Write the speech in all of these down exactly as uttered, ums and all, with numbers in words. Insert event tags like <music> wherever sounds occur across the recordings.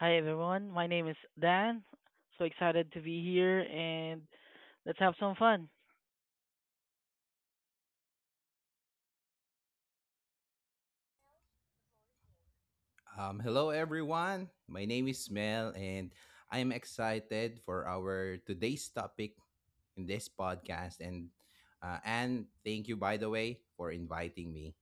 Hi everyone, my name is Dan. So excited to be here and let's have some fun. Um, hello everyone. My name is Mel and I am excited for our today's topic in this podcast, and uh, and thank you, by the way, for inviting me.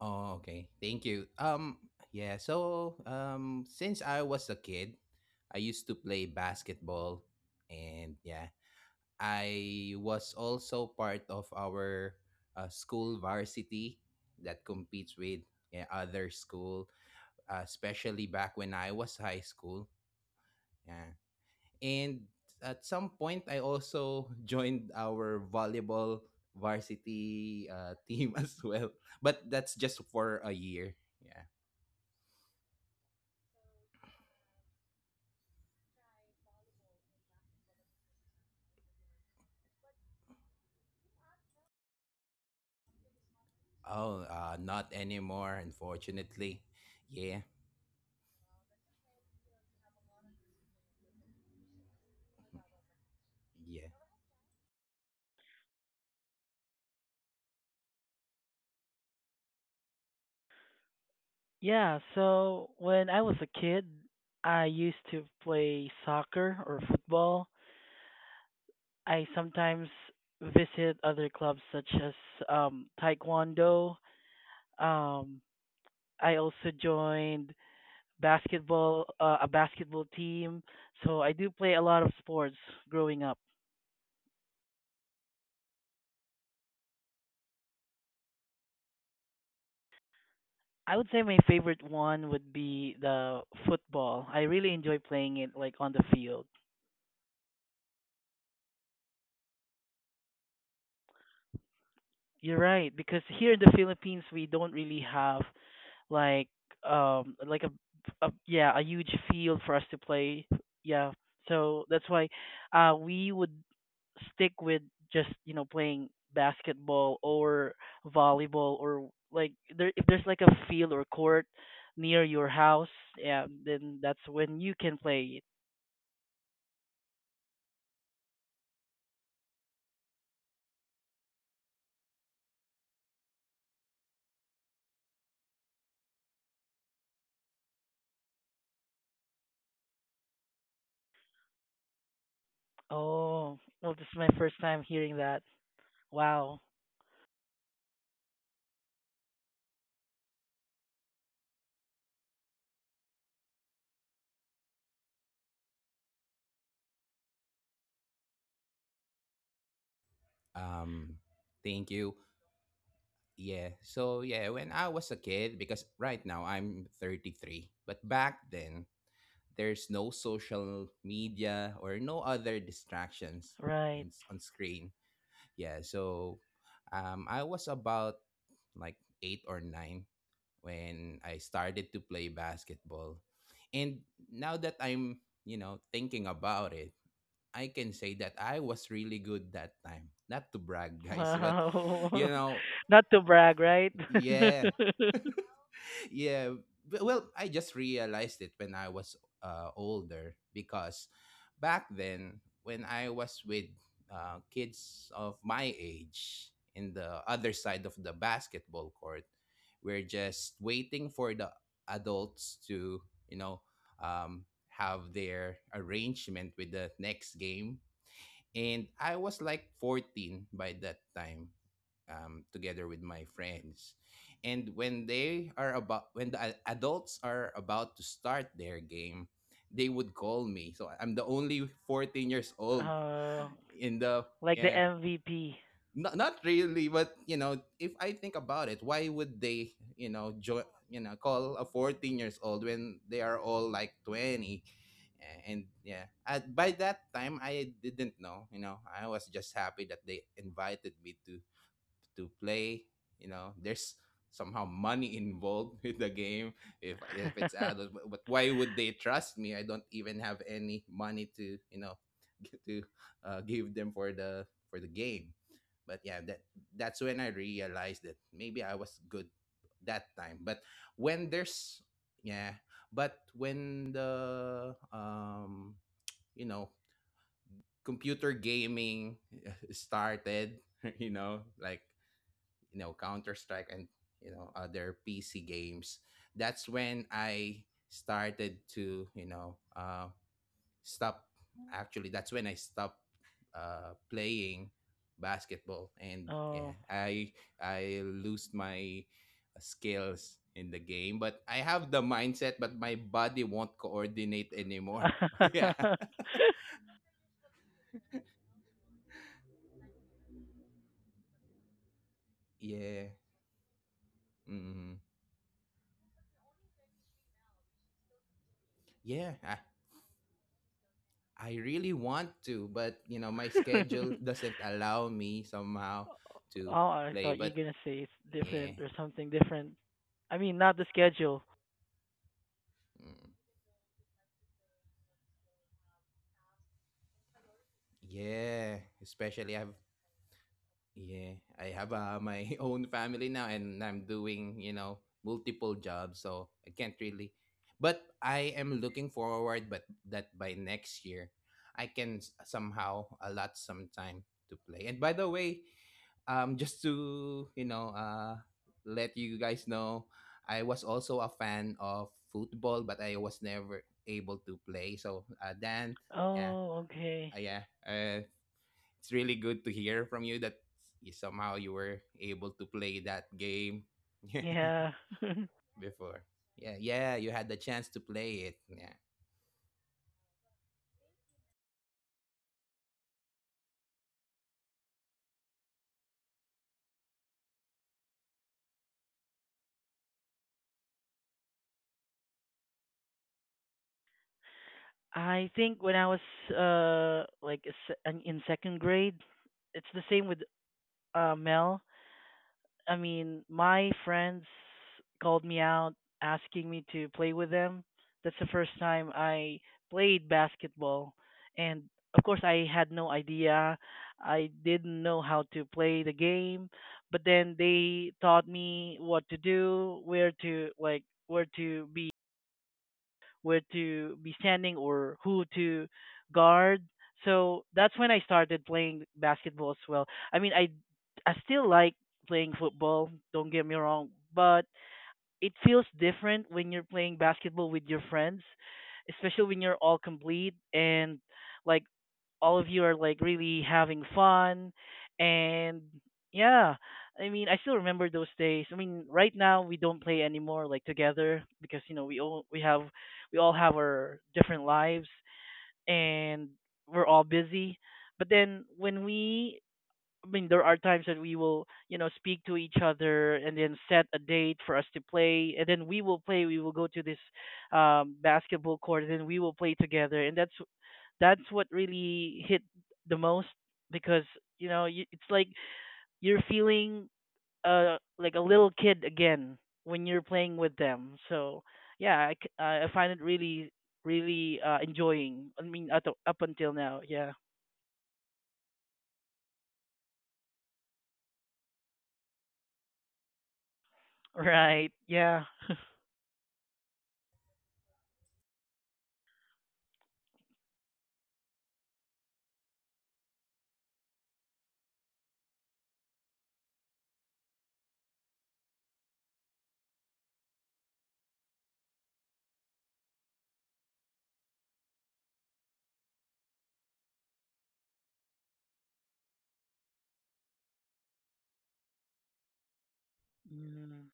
Oh, okay. Thank you. Um yeah, so um since I was a kid, I used to play basketball, and yeah, I was also part of our uh, school varsity that competes with, yeah, other school, uh, especially back when I was high school. Yeah. And at some point, I also <laughs> joined our volleyball varsity uh, team <laughs> as well. But that's just for a year. Yeah. Oh, uh, not anymore, unfortunately. Yeah. Yeah. Yeah, so when I was a kid, I used to play soccer or football. I sometimes visit other clubs such as um, taekwondo. Um, I also joined basketball, uh, a basketball team. So I do play a lot of sports growing up. I would say my favorite one would be the football. I really enjoy playing it like on the field. You're right because here in the Philippines we don't really have like um like a, a yeah, a huge field for us to play. Yeah, so that's why uh we would stick with just you know playing basketball or volleyball, or like there, if there's like a field or court near your house, yeah, then that's when you can play. Oh, well, this is my first time hearing that. Wow. Um, thank you. Yeah. So yeah, when I was a kid, because right now I'm thirty-three, but back then there's no social media or no other distractions Right. in, on screen. Yeah, so um, I was about like eight or nine when I started to play basketball. And now that I'm, you know, thinking about it, I can say that I was really good that time. Not to brag, <laughs> guys, but you Wow. know, <laughs> Not to brag, right? yeah. <laughs> <laughs> yeah b- well i just realized it when I was uh, older, because back then when I was with uh, kids of my age in the other side of the basketball court, we're just waiting for the adults to, you know um, have their arrangement with the next game, and I was like fourteen by that time, um, together with my friends. And when they are about, when the a- adults are about to start their game, they would call me. So I'm the only fourteen years old uh, in the, like the yeah, M V P. not, not really, but you know, if I think about it, why would they, you know, join, you know, call a fourteen years old when they are all like twenty? A- And yeah, at, by that time, I didn't know, you know. I was just happy that they invited me to to play. You know, there's somehow money involved <laughs> with the game if if it's adult. <laughs> But, but why would they trust me? I don't even have any money to, you know, <laughs> to uh, give them for the for the game. But yeah, that that's when I realized that maybe I was good that time. But when there's yeah, but when the um you know computer gaming <laughs> started, <laughs> you know, like you know Counter Strike and you know other P C games. That's when I started to, you know, uh, stop. Actually, that's when I stopped uh, playing basketball, and Oh. yeah, I I lose my skills in the game. But I have the mindset, but my body won't coordinate anymore. <laughs> <laughs> Oh, Yeah. <laughs> Yeah. Mm. Yeah. I, I really want to, but you know, my schedule doesn't allow me somehow to I play. thought you are But gonna say it's yeah, different or something different. I mean, not the schedule. mm, yeah, especially I've yeah, I have uh, my <laughs> own family now, and I'm doing, you know, multiple jobs, so I can't really. But I am looking forward, but that by next year, I can s- somehow allot some time to play. And by the way, um just to, you know, uh let you guys know, I was also a fan of football, but I was never able to play. So uh Dan, yeah, Oh, okay. uh, yeah, uh it's really good to hear from you that you, somehow you were able to play that game <laughs> Yeah. <laughs> before. Yeah, yeah, you had the chance to play it. Yeah, I think when I was uh like a se- an- in second grade, it's the same with uh Mel. I mean, my friends called me out asking me to play with them. That's the first time I played basketball and of course I had no idea. I didn't know how to play the game, but then they taught me what to do, where to, like where to be where to be standing or who to guard. So that's when I started playing basketball as well. I mean, I I still like playing football. Don't get me wrong, but it feels different when you're playing basketball with your friends, especially when you're all complete and like all of you are like really having fun. And yeah, I mean I still remember those days. I mean right now we don't play anymore like together because you know we all we have we all have our different lives and we're all busy, but then when we, I mean, there are times that we will, you know, speak to each other and then set a date for us to play, and then we will play. We will go to this um, basketball court, and then we will play together, and that's that's what really hit the most because you know you, it's like you're feeling uh like a little kid again when you're playing with them. So yeah, I c- I find it really really uh, enjoying. I mean, up up until now, yeah. <laughs> Right, yeah. <laughs> Mm.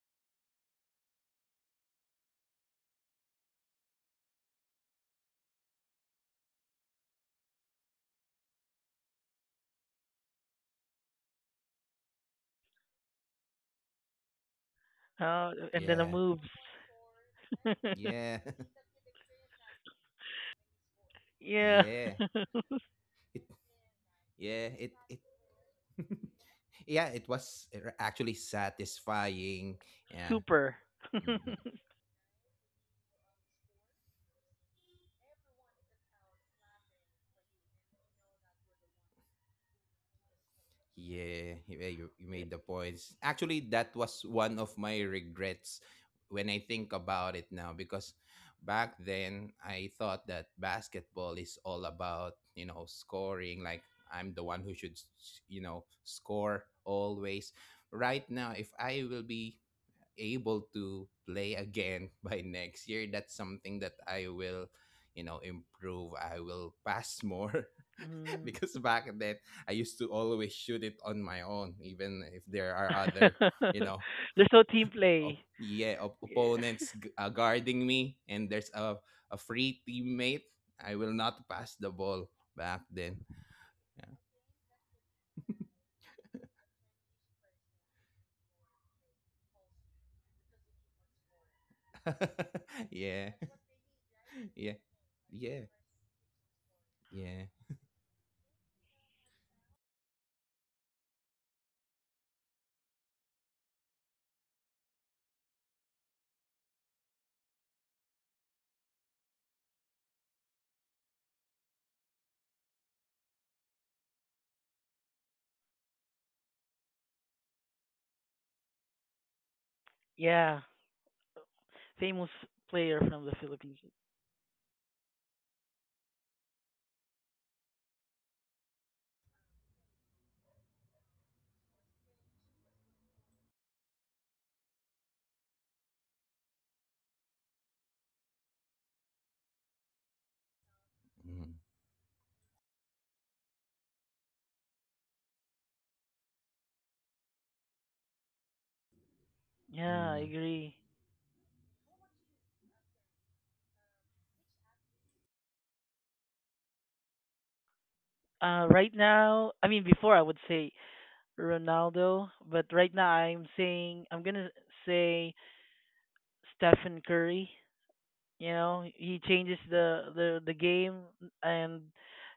Oh, and then the yeah, moves. <laughs> yeah. <laughs> Yeah. Yeah, <laughs> it, yeah, it, it <laughs> yeah, it was actually satisfying. Yeah. Super. Mm-hmm. <laughs> Yeah, yeah, you, you made the points. Actually, that was one of my regrets when I think about it now, because back then I thought that basketball is all about, you know, scoring, like I'm the one who should, s- you know, score always. Right now, if I will be able to play again <laughs> by next year, that's something that I will, you know, improve. I will pass <laughs> more <laughs> Mm. because back then I used to always shoot it on my own, even if there are other, you <laughs> know, There's no team play. op- yeah, op- Yeah. opponents g- uh, guarding me, and there's a a free teammate. I will not pass the ball back then. Yeah, <laughs> yeah, yeah, yeah, yeah. Yeah. Famous player from the Philippines. mm, Yeah, I mm, agree. Uh, right now, I mean, before I would say Ronaldo, but right now I'm saying, I'm going to say Stephen Curry. You know, he changes the the the game, and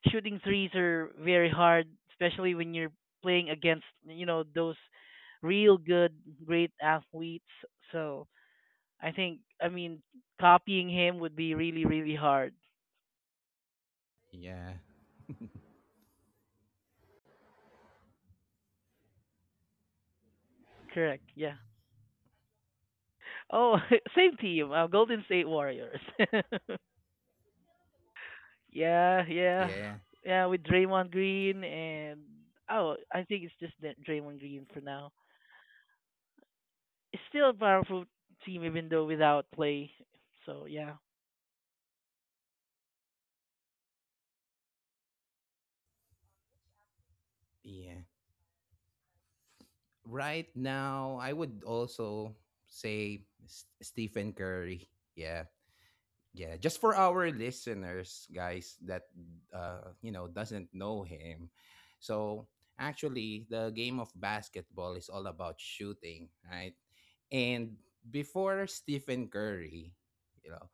shooting threes are very hard, especially when you're playing against, you know, those real good great athletes. So, I think, I mean copying him would be really really hard. yeah, Correct. Yeah. Oh, <laughs> same team. Uh, Golden State Warriors. <laughs> Yeah, yeah. yeah, Yeah, with Draymond Green, and oh, I think it's just Dra- Draymond Green for now. It's still a powerful team even though without play. So yeah, yeah. Right now, I would also say S- Stephen Curry. Yeah. Yeah, just for our listeners, guys, that uh, you know doesn't know him. So actually, the game of basketball is all about shooting, right? And before Stephen Curry, you know,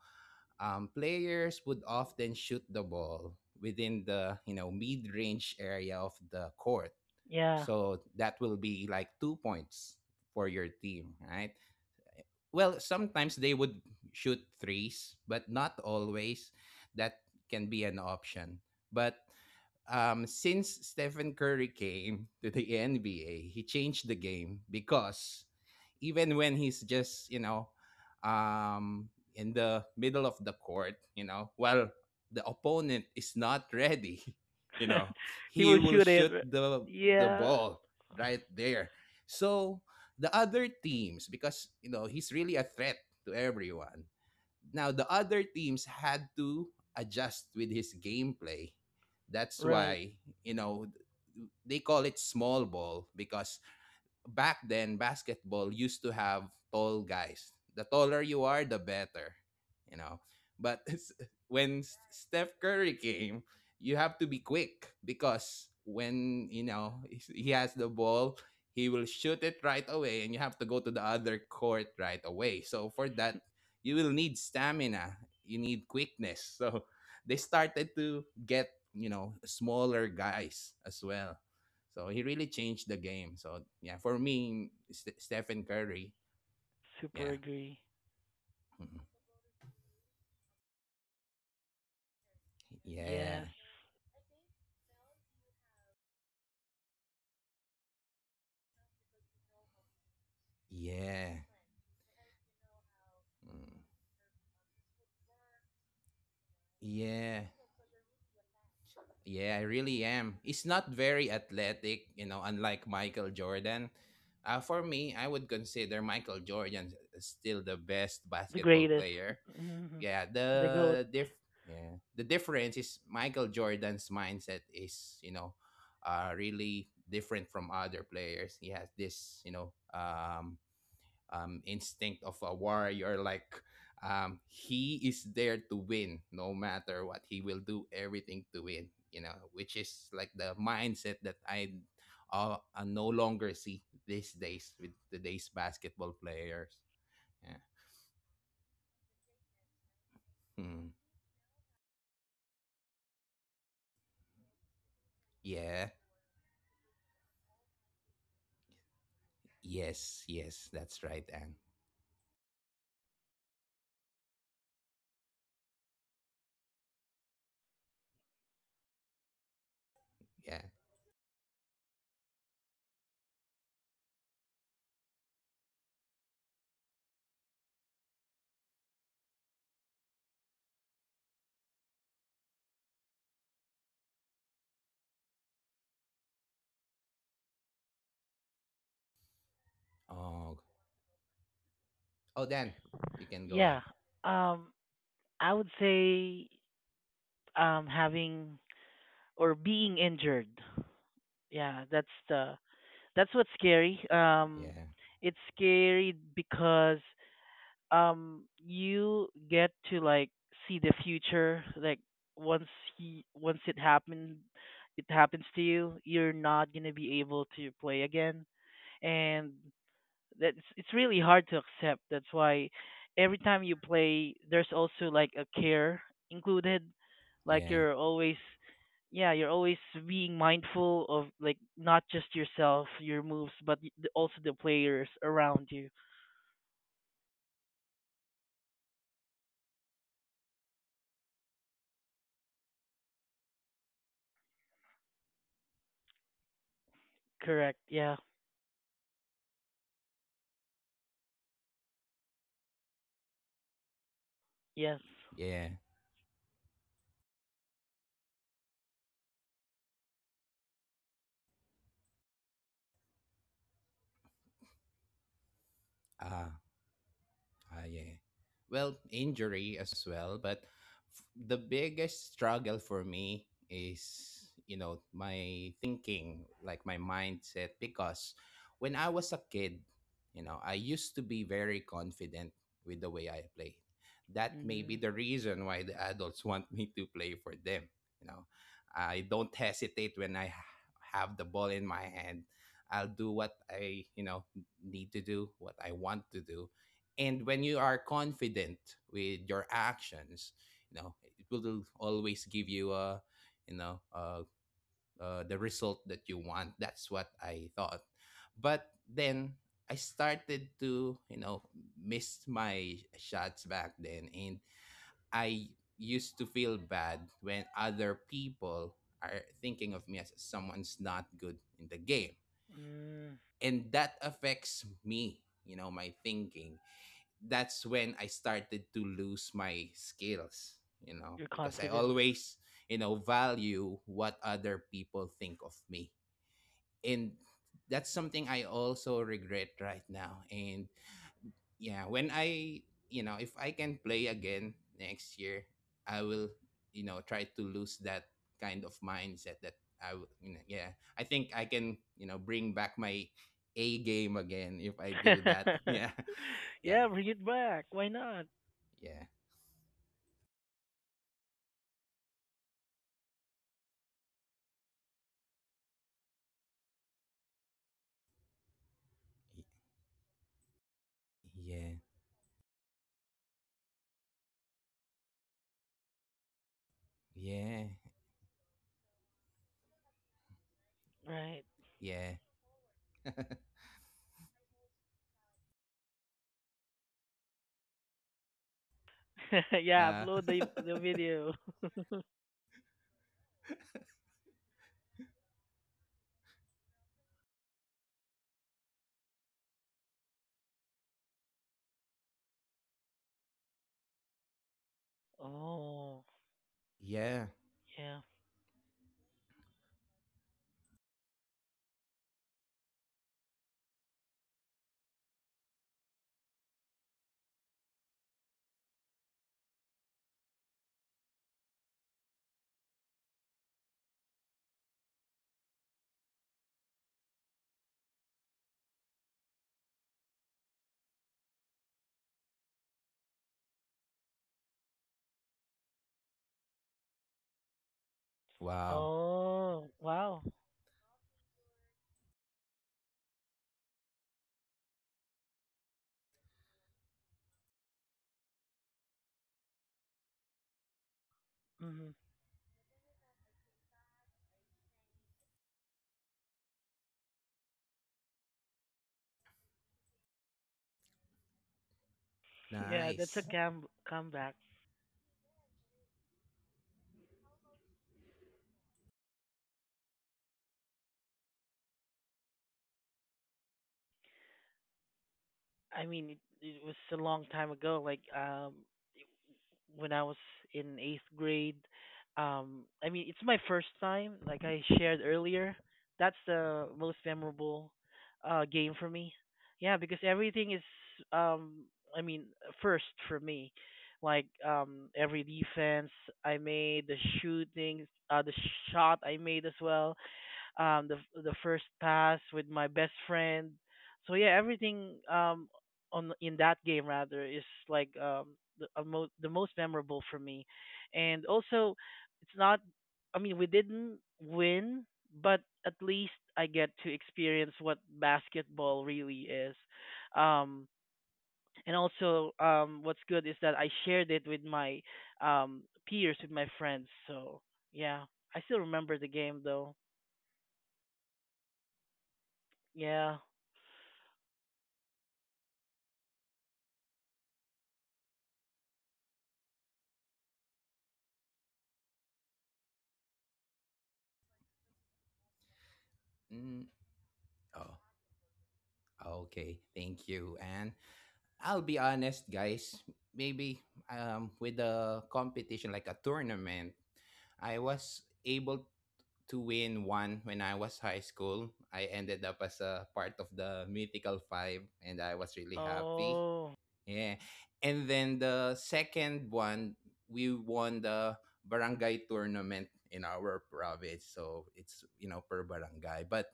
um, players would often shoot the ball within the, you know, mid-range area of the court. yeah. So that will be like two points for your team, right? Well, sometimes they would shoot threes, but not always that can be an option, but um, since Stephen Curry came to the <laughs> N B A, he changed the game, because even when he's just, you know, um, in the middle of the court, you know, while the opponent is not ready, <laughs> you know, <laughs> He he will will shoot it. shoot r- the the Yeah, ball right there. So the other teams, because you know he's really a threat to everyone. Now the other teams had to adjust with his gameplay. That's right. why, you know, they call it small ball, because back then basketball used to have tall guys. The taller you are, the better, you know. But <laughs> s- when S- Steph Curry came, you have to be quick, because when, you know, <laughs> he has the ball, he will shoot it right away, and you have to go to the other court right away. So for that, you will need stamina. You need quickness. <laughs> So they started to get, you know, smaller guys as well, so he really changed the game. So yeah, for me, St- Stephen Curry. Yeah. Super agree. Mhm. Yeah, Yes, yeah. Mm. Yeah. Yeah, I really am. He's not very athletic, you know, unlike Michael Jordan. Uh, for me, I would consider Michael Jordan still the best the basketball greatest. player. Mhm. Yeah The goat. the diff yeah, the difference is Michael Jordan's mindset is, you know, uh really different from other players. He has this, you know, um um instinct of a warrior, like um he is there to win no matter what. He will do everything to win, you know, which is like the mindset that I uh, I no longer see these days with today's basketball players. Yeah. Hmm. Yeah. Yes, yes, that's right, Anne. Yeah. Oh, oh, Dan, you can go ahead. Yeah. Um, I would say um having or being injured. Yeah, that's the, that's what's scary. Um, Yeah, It's scary because um you get to like see the future, like once he once it happened, it happens to you, you're not going to be able to play again, and that's, it's really hard to accept. That's why every time you play there's also like a care included, like yeah, you're always, yeah, you're always being mindful of like not just yourself, your moves, but y- the- also the players around you. Correct. Yeah. Yes. yeah. Ah, ah, yeah. Well, injury as well, but f- the biggest struggle for me is, you know, my thinking, like my mindset, because when I was a kid, you know, I used to be very confident with the way I played. That may be Mm, the reason why the adults <laughs> want me to play for them. You know, I don't hesitate when I ha- have the ball in my hand. I'll do what I, you know, need to do, what I want to do, and when you are confident with your actions, you know, it will always give you uh you know uh, uh the result that you want. That's what I thought. But then I started to, you know, miss my shots back then, and I used to feel bad when other people are thinking of me as someone's not good in the game, mm, and that affects me, you know, my thinking. That's when I started to lose my skills, you know, your because I confidence. always, you know, value what other people think of me. And that's something I also regret right now. And yeah, when I, you know, if I can play again next year, I will, you know, try to lose that kind of mindset that I, w- you know, yeah, I think I can, you know, bring back my A game again if I do that. <laughs> Yeah. <laughs> Yeah. Yeah, bring it back. Why not? Yeah. Yeah. Yeah, Right. yeah. <laughs> <laughs> Yeah, uh, upload the the video. <laughs> Oh, <laughs> yeah. yeah. Wow. Oh, wow. Hmm. <laughs> Yeah, that's a Nice. cam comeback. I mean, it, it was a long time ago. Like, um, when I was in eighth grade. Um, I mean, it's my first time, like I shared earlier. That's the most memorable uh, game for me. Yeah, because everything is, um, I mean, first for me. Like um, every defense I made, the shooting, uh, the shot I made as well, um the the first pass with my best friend. So yeah, everything um on in that game rather is like um the a mo- the most memorable for me. And also it's not, I mean we didn't win, but at least I get to experience what basketball really is. um and also um what's good is that I shared it with my um peers, with my friends. So yeah, I still remember the game though. Yeah. Mm. Oh, okay. Thank you. And I'll be honest, guys. Maybe um, with a competition like a tournament, I was able to win one when I was high school. I ended up as a part of the mythical five, and I was really happy. Oh. Yeah. And then the second one, we won the barangay tournament in our province. So it's, you know, per barangay. But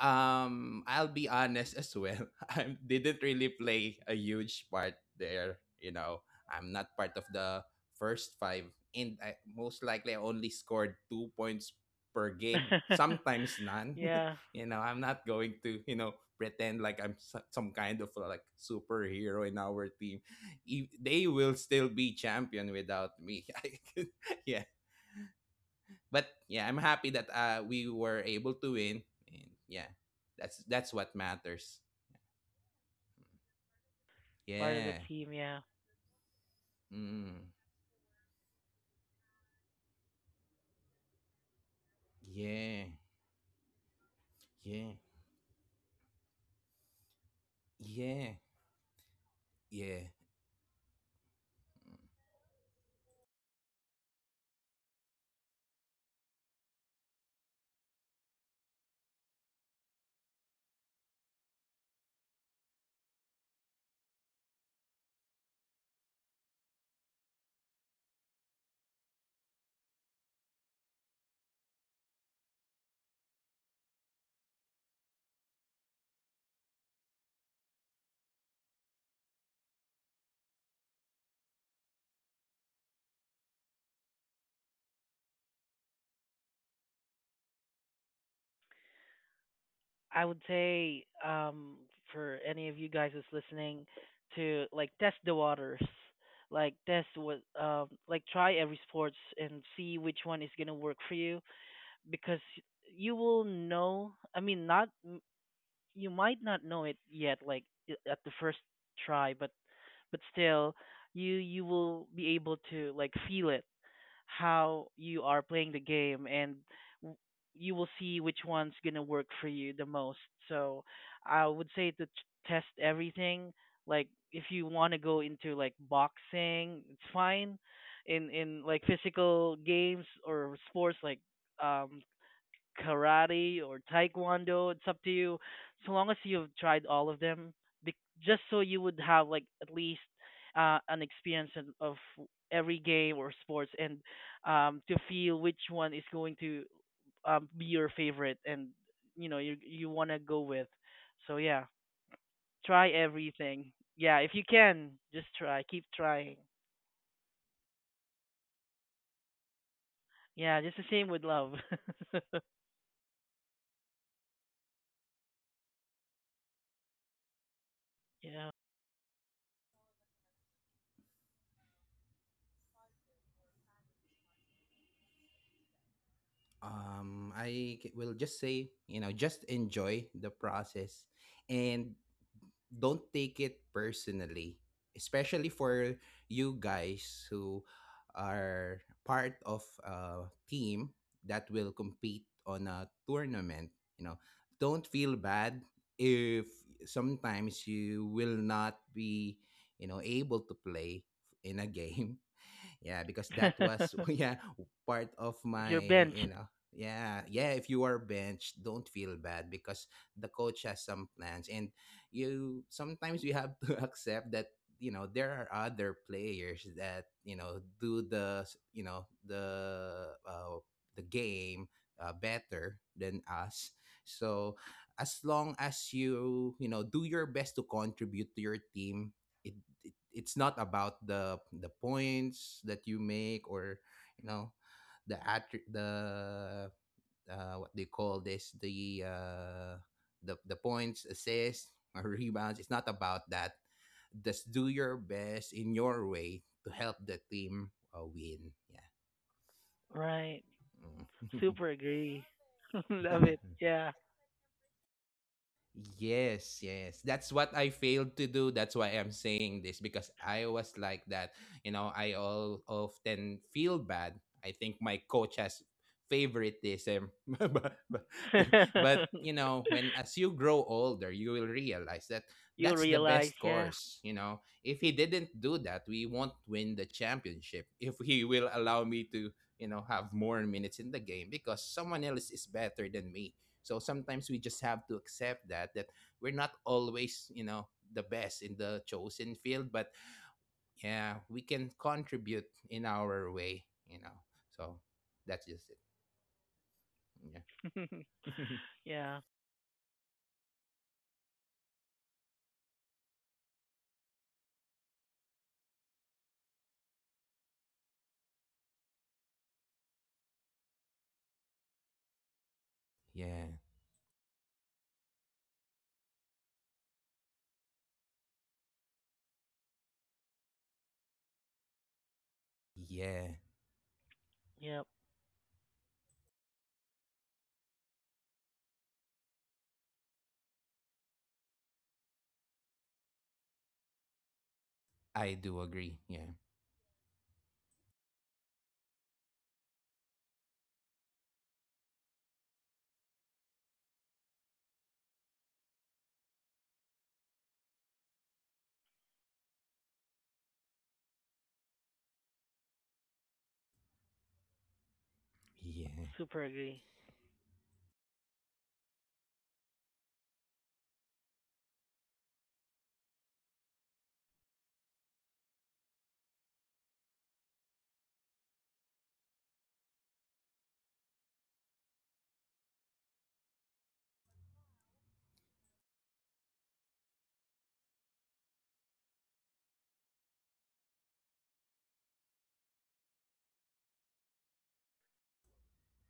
um, I'll be honest as well. <laughs> I didn't really play a huge part there. You know, I'm not part of the first five, and I most likely I only scored two points per game. <laughs> Sometimes none. Yeah, <laughs> You know, I'm not going to, you know, pretend like I'm so- some kind of like superhero in our team. E- They will still be champion without me. <laughs> I can- yeah, but yeah, I'm happy that uh, we were able to win, and yeah, that's that's what matters. part of the Yeah. team, yeah. Mm. Yeah, yeah, yeah, yeah. I would say um for any of you guys who's listening to like test the waters. Like test what um like try every sports and see which one is going to work for you, because you will know, I mean not m- you might not know it yet, like i- at the first try, but but still you you will be able to like feel it, how you are playing the game, and w- you will see which one's going to work for you the most. So I would say to t- test everything. Like if you want to go into like boxing, it's fine. In in like physical games or sports like um karate or taekwondo. It's up to you. So long as you've tried all of them, bec- just so you would have like at least uh, an experience in- of every game or sports, and um, to feel which one is going to um, be your favorite, and you know you you want to go with. So yeah, try everything. Yeah, if you can, just try. Keep trying. Yeah, just the same with love. <laughs> Yeah. um I c- will just say, you know, just enjoy the process and don't take it personally, especially for you guys who are part of a team that will compete on a tournament. You know, don't feel bad if sometimes you will not be, you know, able to play in a <laughs> game. Yeah, because that was <laughs> <laughs> yeah part of If my, you're you benched, know, yeah, yeah. If you are benched, don't feel bad, because the coach has some plans, and you sometimes you have <laughs> to accept that, you know, there are other players that, you know, do the, you know, the uh, the game uh, better than us. So as long as you, you know, do your best to contribute to your team, it it, it's not about the the points that you make, or you know, the attr the uh, what they call this, the uh, the the points, assists <laughs> or rebounds. It's not about that. Just do your best in your way to help the team uh, win. Yeah. right? Super agree. <laughs> Mm. Love it. <laughs> Yeah. Yes, yes. That's what I failed to do. That's why I'm saying this, because I was like that. You know, I all often feel bad. I think my coach has favoritism. <laughs> But, but but, <laughs> you know, when as you grow older, you will realize that You that's the realize, best yeah. course, you know. If he didn't do that, we won't win the championship. <laughs> If he will allow me to, you know, have more minutes in the game, because someone else is better than me, so sometimes we just have to accept that that we're not always, you know, the best in the chosen field, but yeah, we can contribute in our way, you know. So that's just it. Yeah. <laughs> <laughs> Yeah. Yeah. Yeah. Yep. I do agree. Yeah. Yeah. Super agree.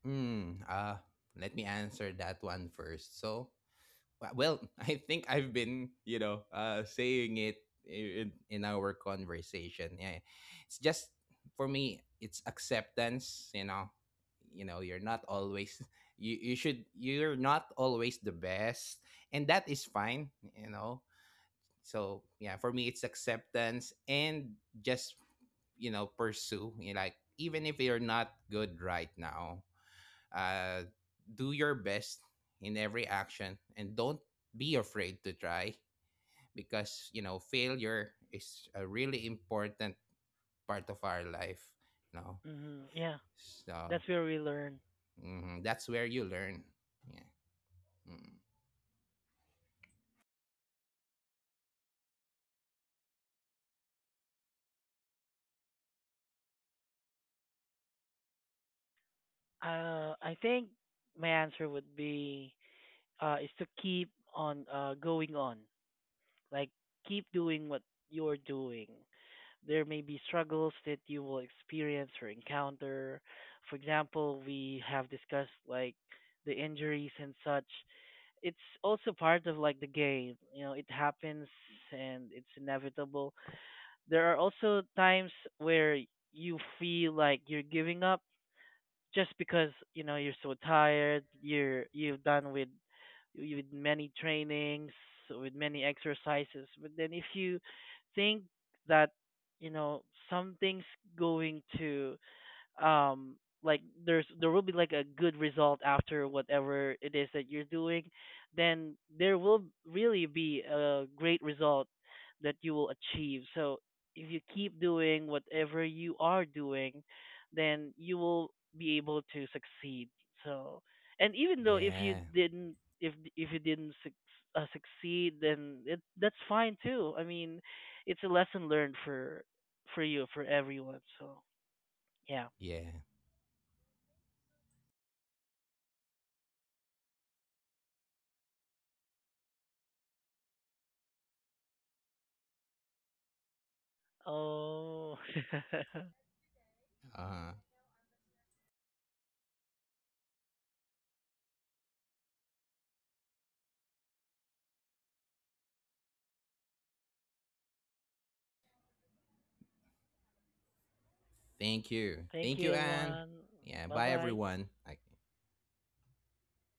Mm, uh, let me answer that one first. So well, <laughs> I think I've been, you know, uh, saying it in, in our conversation. Yeah, it's just for me, it's acceptance. You know, you know, you're not always <laughs> you you should, you're not always the best, and that is fine. You know, so yeah, for me, it's acceptance and just, you know, pursue. You know, like even if you're not good right now, uh, do your best in every action and don't be afraid to try, because you know failure is a really important part of our life, you know. Hmm. Yeah. So That's where we learn. mhm, that's where you learn. Yeah. Mm. Uh, I think my answer would be uh, is to keep on uh, going on. Like, keep doing what you're doing. There may be struggles that you will experience or encounter. For example, we have discussed like the injuries and such. It's also part of like the game, you know, it happens and it's inevitable. There are also times where you feel like you're giving up just because you know you're so tired, you're you've done with with many trainings, with many exercises, but then if you think that you know something's going to um like there's, there will be like a good result after whatever it is that you're doing, then there will really be a great result that you will achieve. So if you keep doing whatever you are doing, then you will be able to succeed. So, and even though if you Yeah, didn't, if if you didn't suc uh, succeed, then it, that's fine too. I mean it's a lesson learned for for you, for everyone. So yeah. yeah, Oh. <laughs> uh thank you, Thank thank you, you, Anne. everyone. Yeah. Bye Bye bye. everyone.